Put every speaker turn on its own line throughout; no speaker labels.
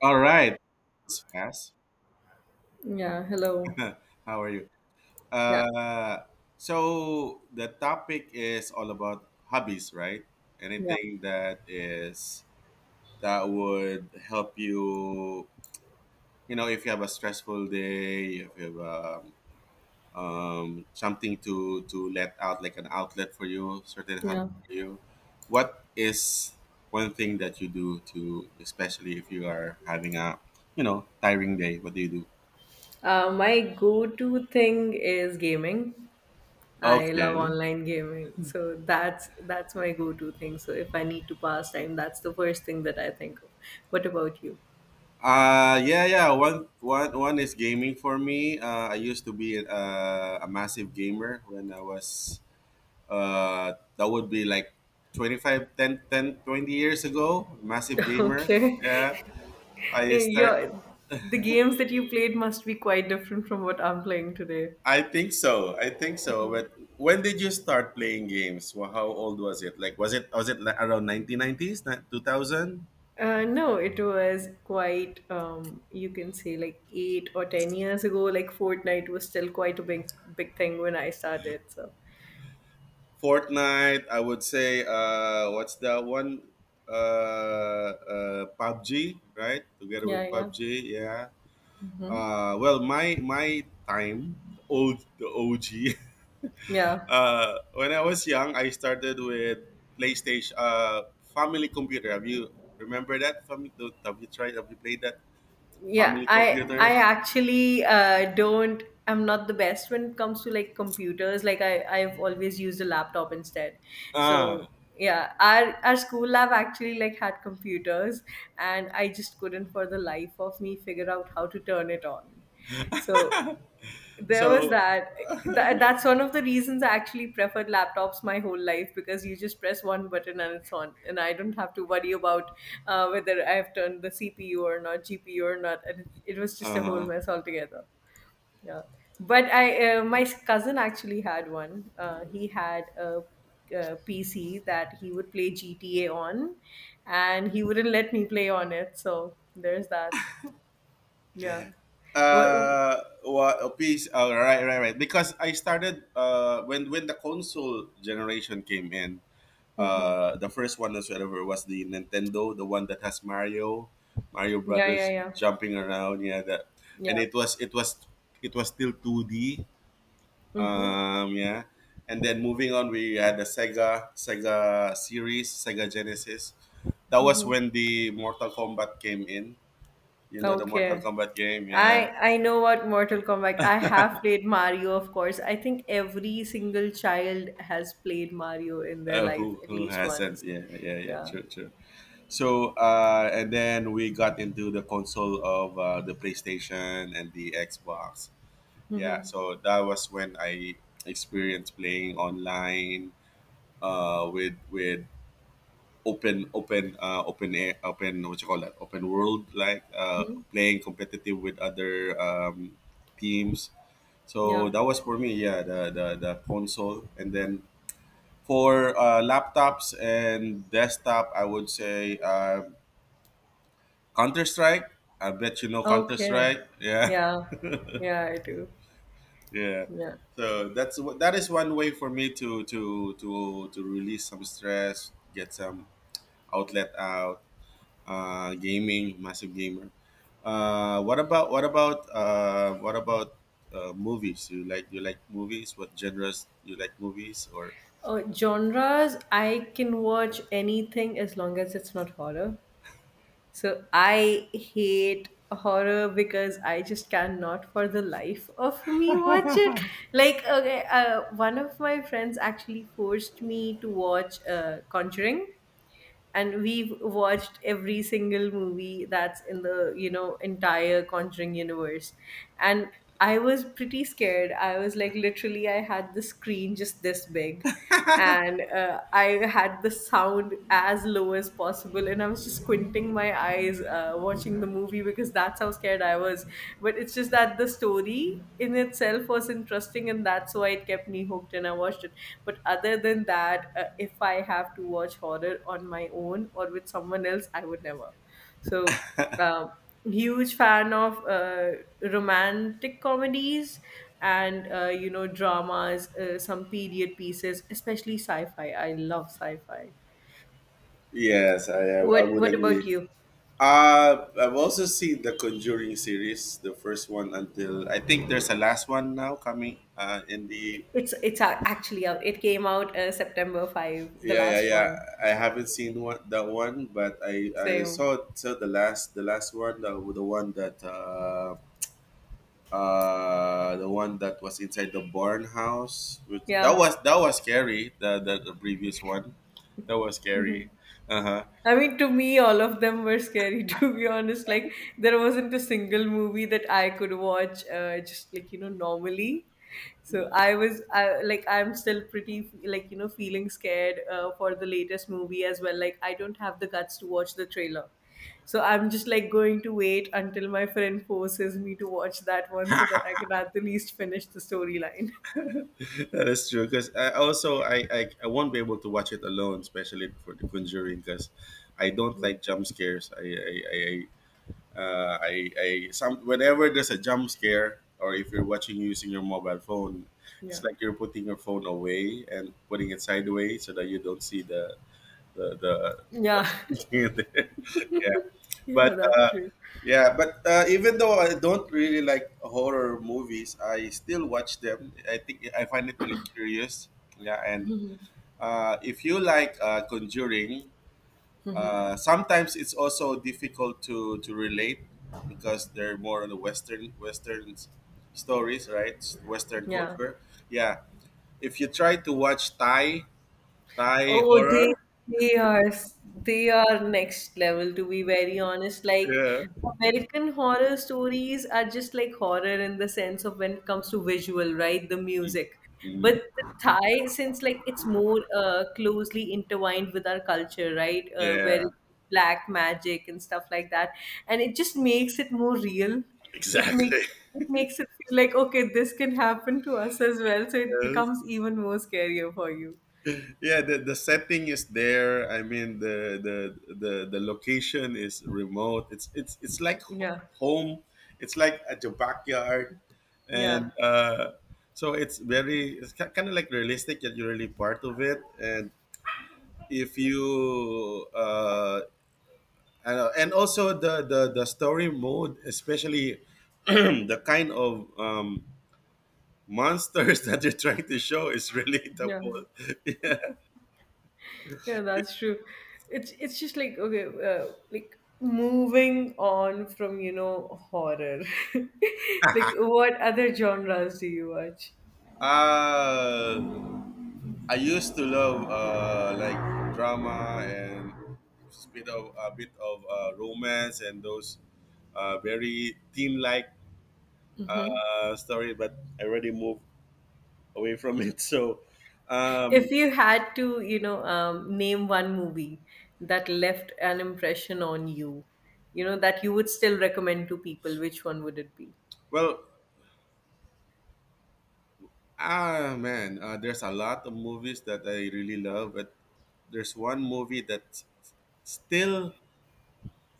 All right. This is fast.
Yeah, hello.
How are you?
Yeah,
Uh, so the topic is all about hobbies, right?
yeah,
Anything that is that would help you, you know, if you have a stressful day, if you have something to let out, like an outlet for you, certain hobby
yeah.
for you. What is one thing that you do to, especially if you are having a, you know, tiring day? What do you do?
My go-to thing is gaming. I love
Okay.
online gaming, so that's my go-to thing. So if I need to pass time, that's the first thing that I think of. What about you?
Yeah, yeah. One is gaming for me. I used to be a massive gamer when I was that would be like 25, 10, 10, 20 years ago, massive gamer. Yeah. I
Okay,
start
your the games that you played must be quite different from what I'm playing today.
I think so. I think so. But when did you start playing games? Well, how old was it? Was it like around 1990s, 2000?
No, it was quite, you can say like 8 or 10 years ago, like Fortnite was still quite a big thing when I started. So
Fortnite, I would say what's that one? PUBG, right? Together
yeah,
with
yeah.
PUBG, yeah. Well my time, the old the OG.
Yeah.
When I was young I started with PlayStation, family computer. Have you Remember that? Family have you tried Have you played that
Yeah,
family
I
computer?
I actually don't I'm not the best when it comes to like computers. Like I've always used a laptop instead. So,
Ah.
yeah, our school lab actually like had computers, and I just couldn't for the life of me figure out how to turn it on. So, there was
So
that. That's one of the reasons I actually preferred laptops my whole life because you just press one button and it's on, and I don't have to worry about whether I have turned the CPU or not, GPU or not, and it was just a whole
uh-huh.
mess altogether. Yeah, but I my cousin actually had one. He had a PC that he would play GTA on, and he wouldn't let me play on it. So there's that. Yeah. What?
What a piece? Oh, right, right, right, because I started when the console generation came in.
Mhm.
The first one whatsoever was the Nintendo, the one that has mario
Yeah, yeah,
Brothers
yeah,
jumping around, yeah. that and
yeah.
It was it was still 2D.
Mm-hmm.
Yeah. And then moving on we had the Sega Genesis. That was
Mm-hmm.
when the Mortal Kombat came in. You know the Mortal
Okay.
Kombat game? Yeah.
I know what Mortal Kombat. I have played Mario, of course. I think every single child has played Mario in their life
Who
at
who
least
hasn't?
once.
Yeah, yeah, yeah.
Yeah.
True, true. So, and then we got into the console of, the PlayStation and the Xbox. Yeah,
Mm-hmm.
so that was when I experienced playing online with open air open what you call that open world, like,
Hmm.
playing competitive with other teams.
Yeah.
So that was for me, yeah, the console, and then for laptops and desktop, I would say, Counter Strike. I bet you know Counter
Okay.
Strike. Yeah,
Yeah. Yeah, I do.
yeah.
Yeah.
So that's that is one way for me to release some stress, get some outlet out. Gaming, massive gamer. What about movies? You like movies? What genres you like, movies or?
Oh, genres, I can watch anything as long as it's not horror. So I hate horror because I just cannot for the life of me watch it. Like, okay, one of my friends actually forced me to watch Conjuring, and we've watched every single movie that's in the you know entire Conjuring universe, and. I was pretty scared. I was like, literally, I had the screen just this big, and I had the sound as low as possible, and I was just squinting my eyes watching the movie because that's how scared I was. But it's just that the story in itself was interesting, and that's why it kept me hooked, and I watched it. But other than that, if I have to watch horror on my own or with someone else, I would never. So, um huge fan of romantic comedies and you know dramas, some period pieces, especially sci-fi. I love sci-fi.
Yes, I would
What about
agree.
you?
I've also seen the Conjuring series, the first one until I think there's a last one now coming. In the
It's actually out. It came out September 5, the
Yeah, yeah,
last
yeah,
one.
I haven't seen one that one, but I
Same.
saw the last, the last one the one that was inside the barn house. Which, that
Yeah.
was, that was scary. The previous one, that was scary. Uh huh.
I mean, to me, all of them were scary, to be honest. Like, there wasn't a single movie that I could watch just like, you know, normally. So like, I'm still pretty, like, you know, feeling scared for the latest movie as well. Like, I don't have the guts to watch the trailer. So I'm just like going to wait until my friend forces me to watch that one so that I can at the least finish the storyline.
That is true. Because I also I won't be able to watch it alone, especially for The Conjuring, because I don't like jump scares. I some Whenever there's a jump scare, or if you're watching using your mobile phone,
Yeah.
it's like you're putting your phone away and putting it sideways so that you don't see the the.
Yeah.
The yeah, but
Yeah, that's true.
Yeah, but, even though I don't really like horror movies, I still watch them. I think I find it really curious. Yeah, and if you like, Conjuring, sometimes it's also difficult to relate because they're more on the Western stories, right? Western
Yeah.
culture. Yeah, if you try to watch Thai
Oh,
horror,
they are they are next level to be very honest. Like
yeah.
American horror stories are just like horror in the sense of when it comes to visual, right? The music.
Mm,
But the Thai, since like it's more closely intertwined with our culture, right? Where
yeah,
it's black magic and stuff like that, and it just makes it more real. It makes
exactly.
it makes it feel like okay, this can happen to us as well. So it becomes even more scarier for you.
Yeah, the setting is there. I mean, the location is remote. It's like
Yeah.
home. It's like at your backyard,
Yeah,
and so it's very, it's kind of like realistic that you're really part of it. And if you and also the story mode, especially the kind of monsters that you're trying to show is really
yeah,
the, yeah.
yeah. That's true. It's just like okay, like moving on from you know horror. Like, what other genres do you watch?
uh I used to love, like drama and a bit of romance and those very teen-like
Hmm.
story, but I already moved away from it. Um,
If you had to, you know, name one movie that left an impression on you, you know, that you would still recommend to people, which one would it be?
well, ah man, there's a lot of movies that I really love, but there's one movie that's still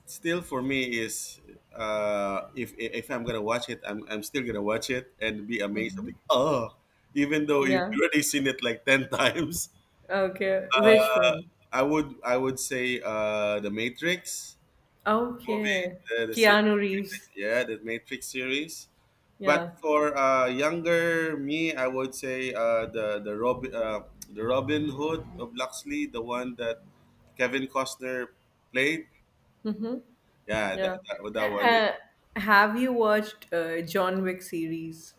still for me. Is, if I'm gonna watch it I'm still gonna watch it and be amazed. I'm
Hmm.
like, oh, even though you've
Yeah.
already seen it like 10 times.
Okay. Which one?
I would say the Matrix movie,
Okay.
the series.
Keanu Reeves.
Matrix, yeah, the Matrix series. But
Yeah.
for younger me, I would say the the robin Hood of Luxley, the one that Kevin Costner played.
Mm-hmm.
Yeah,
Yeah.
that
Uh,
one is.
uh, have you watched John Wick series?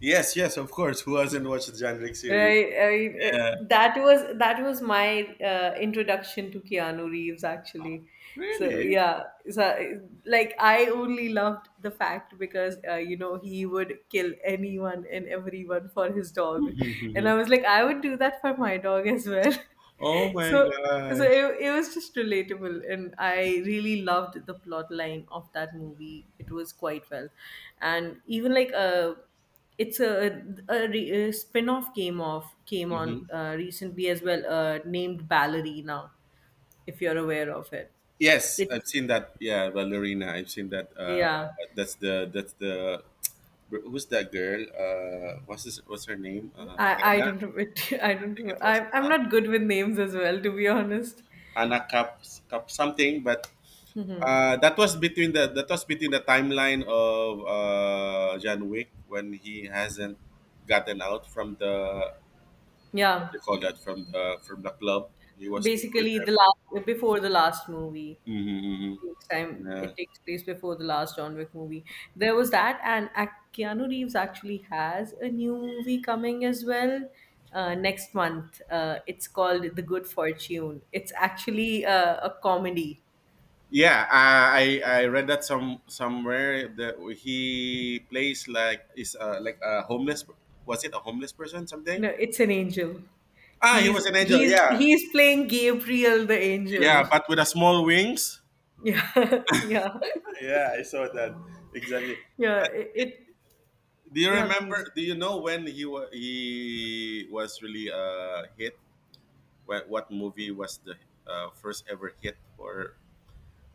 Yes, yes, of course. Who hasn't watched the John Wick series?
Right. I mean,
Yeah.
that was my introduction to Keanu Reeves, actually. So
Really?
yeah, so like I only loved the fact because you know he would kill anyone and everyone for his dog, and I was like, I would do that for my dog as well.
Oh my
So so
gosh.
it was just relatable, and I really loved the plot line of that movie. It was quite well, and even like It's a spin-off game of came on
Hmm.
recently as well, named Ballerina, if you're aware of it.
Yes,
It's
I've seen that. Yeah, Valerina. I've seen that.
Yeah.
That's the, who's that girl? What's his? What's her name?
I
Anna.
don't remember. I
I
don't
think it
remember.
was,
I'm not good with names as well, to be honest.
Anna Cap, Cap something. But that was between the that was between the timeline of, John Wick when he hasn't gotten out from the, what
Yeah,
do you call that, from the club. He was still with
basically
them.
the last before the last movie.
Mm-hmm, hmm.
Takes time.
Yeah,
It takes place before the last John Wick movie. There was that, and Keanu Reeves actually has a new movie coming as well next month. It's called The Good Fortune. It's actually a comedy.
yeah. I read that somewhere that he plays like, is, like a homeless. Was it a homeless person someday?
No, it's an angel.
Ah, he
He's
was an angel.
he's
Yeah,
he's playing Gabriel the angel.
yeah, but with a small wings.
Yeah, yeah,
Yeah, I saw that. Exactly.
yeah. It
Do you
Yeah,
remember?
please.
Do you know when he was really hit? What movie was the, first ever hit for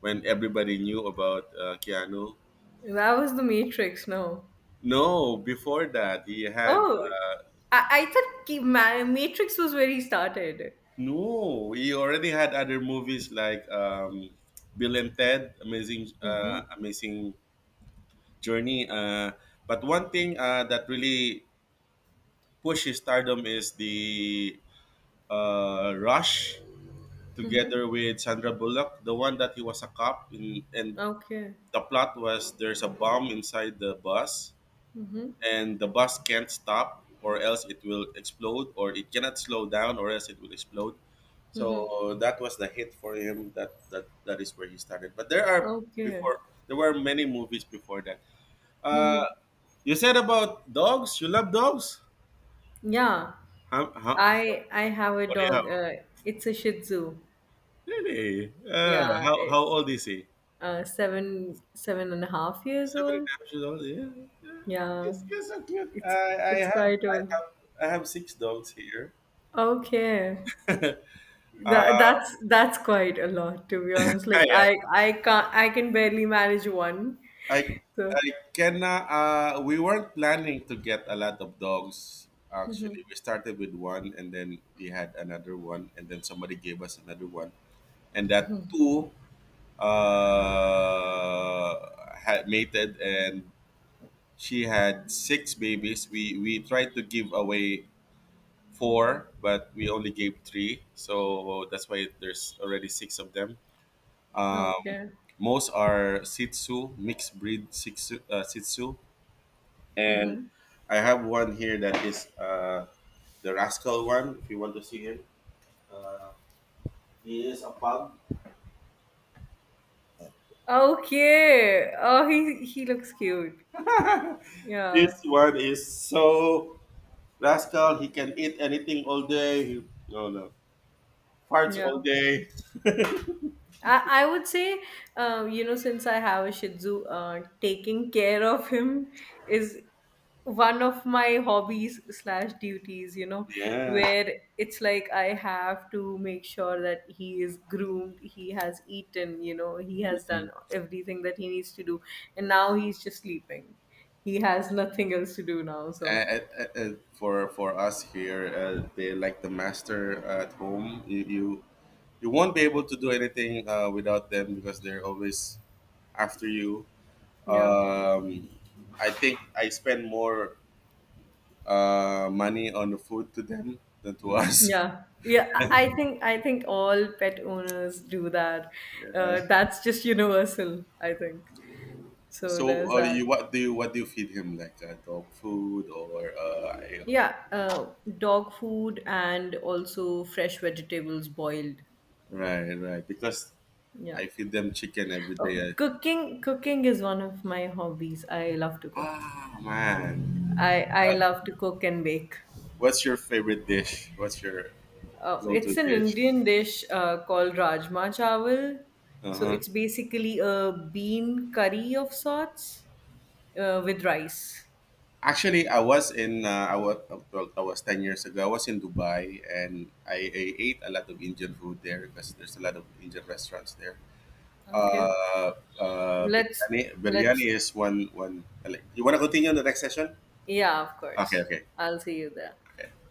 when everybody knew about, Keanu?
That was the Matrix. No.
No, before that he had,
Oh, I thought Matrix was where he started.
no, he already had other movies like, Bill and Ted, Amazing,
Mm-hmm.
Amazing Journey. But one thing, that really pushed his stardom is the, Rush, together
Mm-hmm.
with Sandra Bullock, the one that he was a cop in. And
Okay.
the plot was there's a bomb inside the bus, and the bus can't stop or else it will explode, or it cannot slow down or else it will explode. So that was the hit for him. That that is where he started. But there are,
Okay.
before there were many movies before that.
Mm-hmm.
uh you said about dogs, you love dogs.
Yeah.
How,
I have a
what do you have?
dog. It's a Shih Tzu.
Really?
Yeah.
How
It's
old is he?
seven and a half years
Seven and
old.
a half years old? Yeah, yeah.
Yeah.
He's so cute. I,
It's
I
it's
have
quite
i
old.
have i have six dogs here.
Okay.
uh,
That's quite a lot to be honest. Like
yeah,
I can't I can barely manage one.
I
So
I can we weren't planning to get a lot of dogs actually. We started with one, and then we had another one, and then somebody gave us another one, and that two had mated, and she had six babies. We tried to give away four but we only gave three. So that's why there's already six of them. Um,
okay.
most are Sitsu, mixed breed Sitsu, Sitsu. And I have one here that is, the rascal one. If you want to see him, he is a pug.
Okay. Oh, he looks cute. Yeah.
This one is so rascal. He can eat anything all day. He no no farts
Yeah.
all day.
I would say, you know, since I have a Shih Tzu, taking care of him is one of my hobbies slash duties. You know,
Yeah.
where it's like I have to make sure that he is groomed, he has eaten, you know, he has done
Mm.
everything that he needs to do, and now he's just sleeping. He has nothing else to do now. So
And, and for us here, they like the master at home. You won't be able to do anything, without them because they're always after you.
yeah.
Um, I think I spend more, money on the food to them than to us.
Yeah. Yeah, I think I think all pet owners do that.
Yeah.
That's just universal, I think. So
So,
there's that.
you, what do you, what do you feed him, like, dog food, or, you?
Yeah, dog food and also fresh vegetables boiled.
Right, right? Because
Yeah.
I feed them chicken every
Oh,
day.
cooking is one of my hobbies. I love to cook.
Ah, man,
I
uh,
love to cook and bake.
what's your favorite dish? What's your go-to
It's an
dish?
Indian dish called rajma chawal.
Uh
So
huh.
it's basically a bean curry of sorts. Uh, with rice.
Actually, I was in, I was well, I was 10 years ago. I was in Dubai and I ate a lot of Indian food there because there's a lot of Indian restaurants there.
Okay.
Uh,
Let's
Biryani,
let's
biryani is one. You want to continue in the next session?
Yeah, of
Okay,
course.
okay,
I'll see you there.
okay.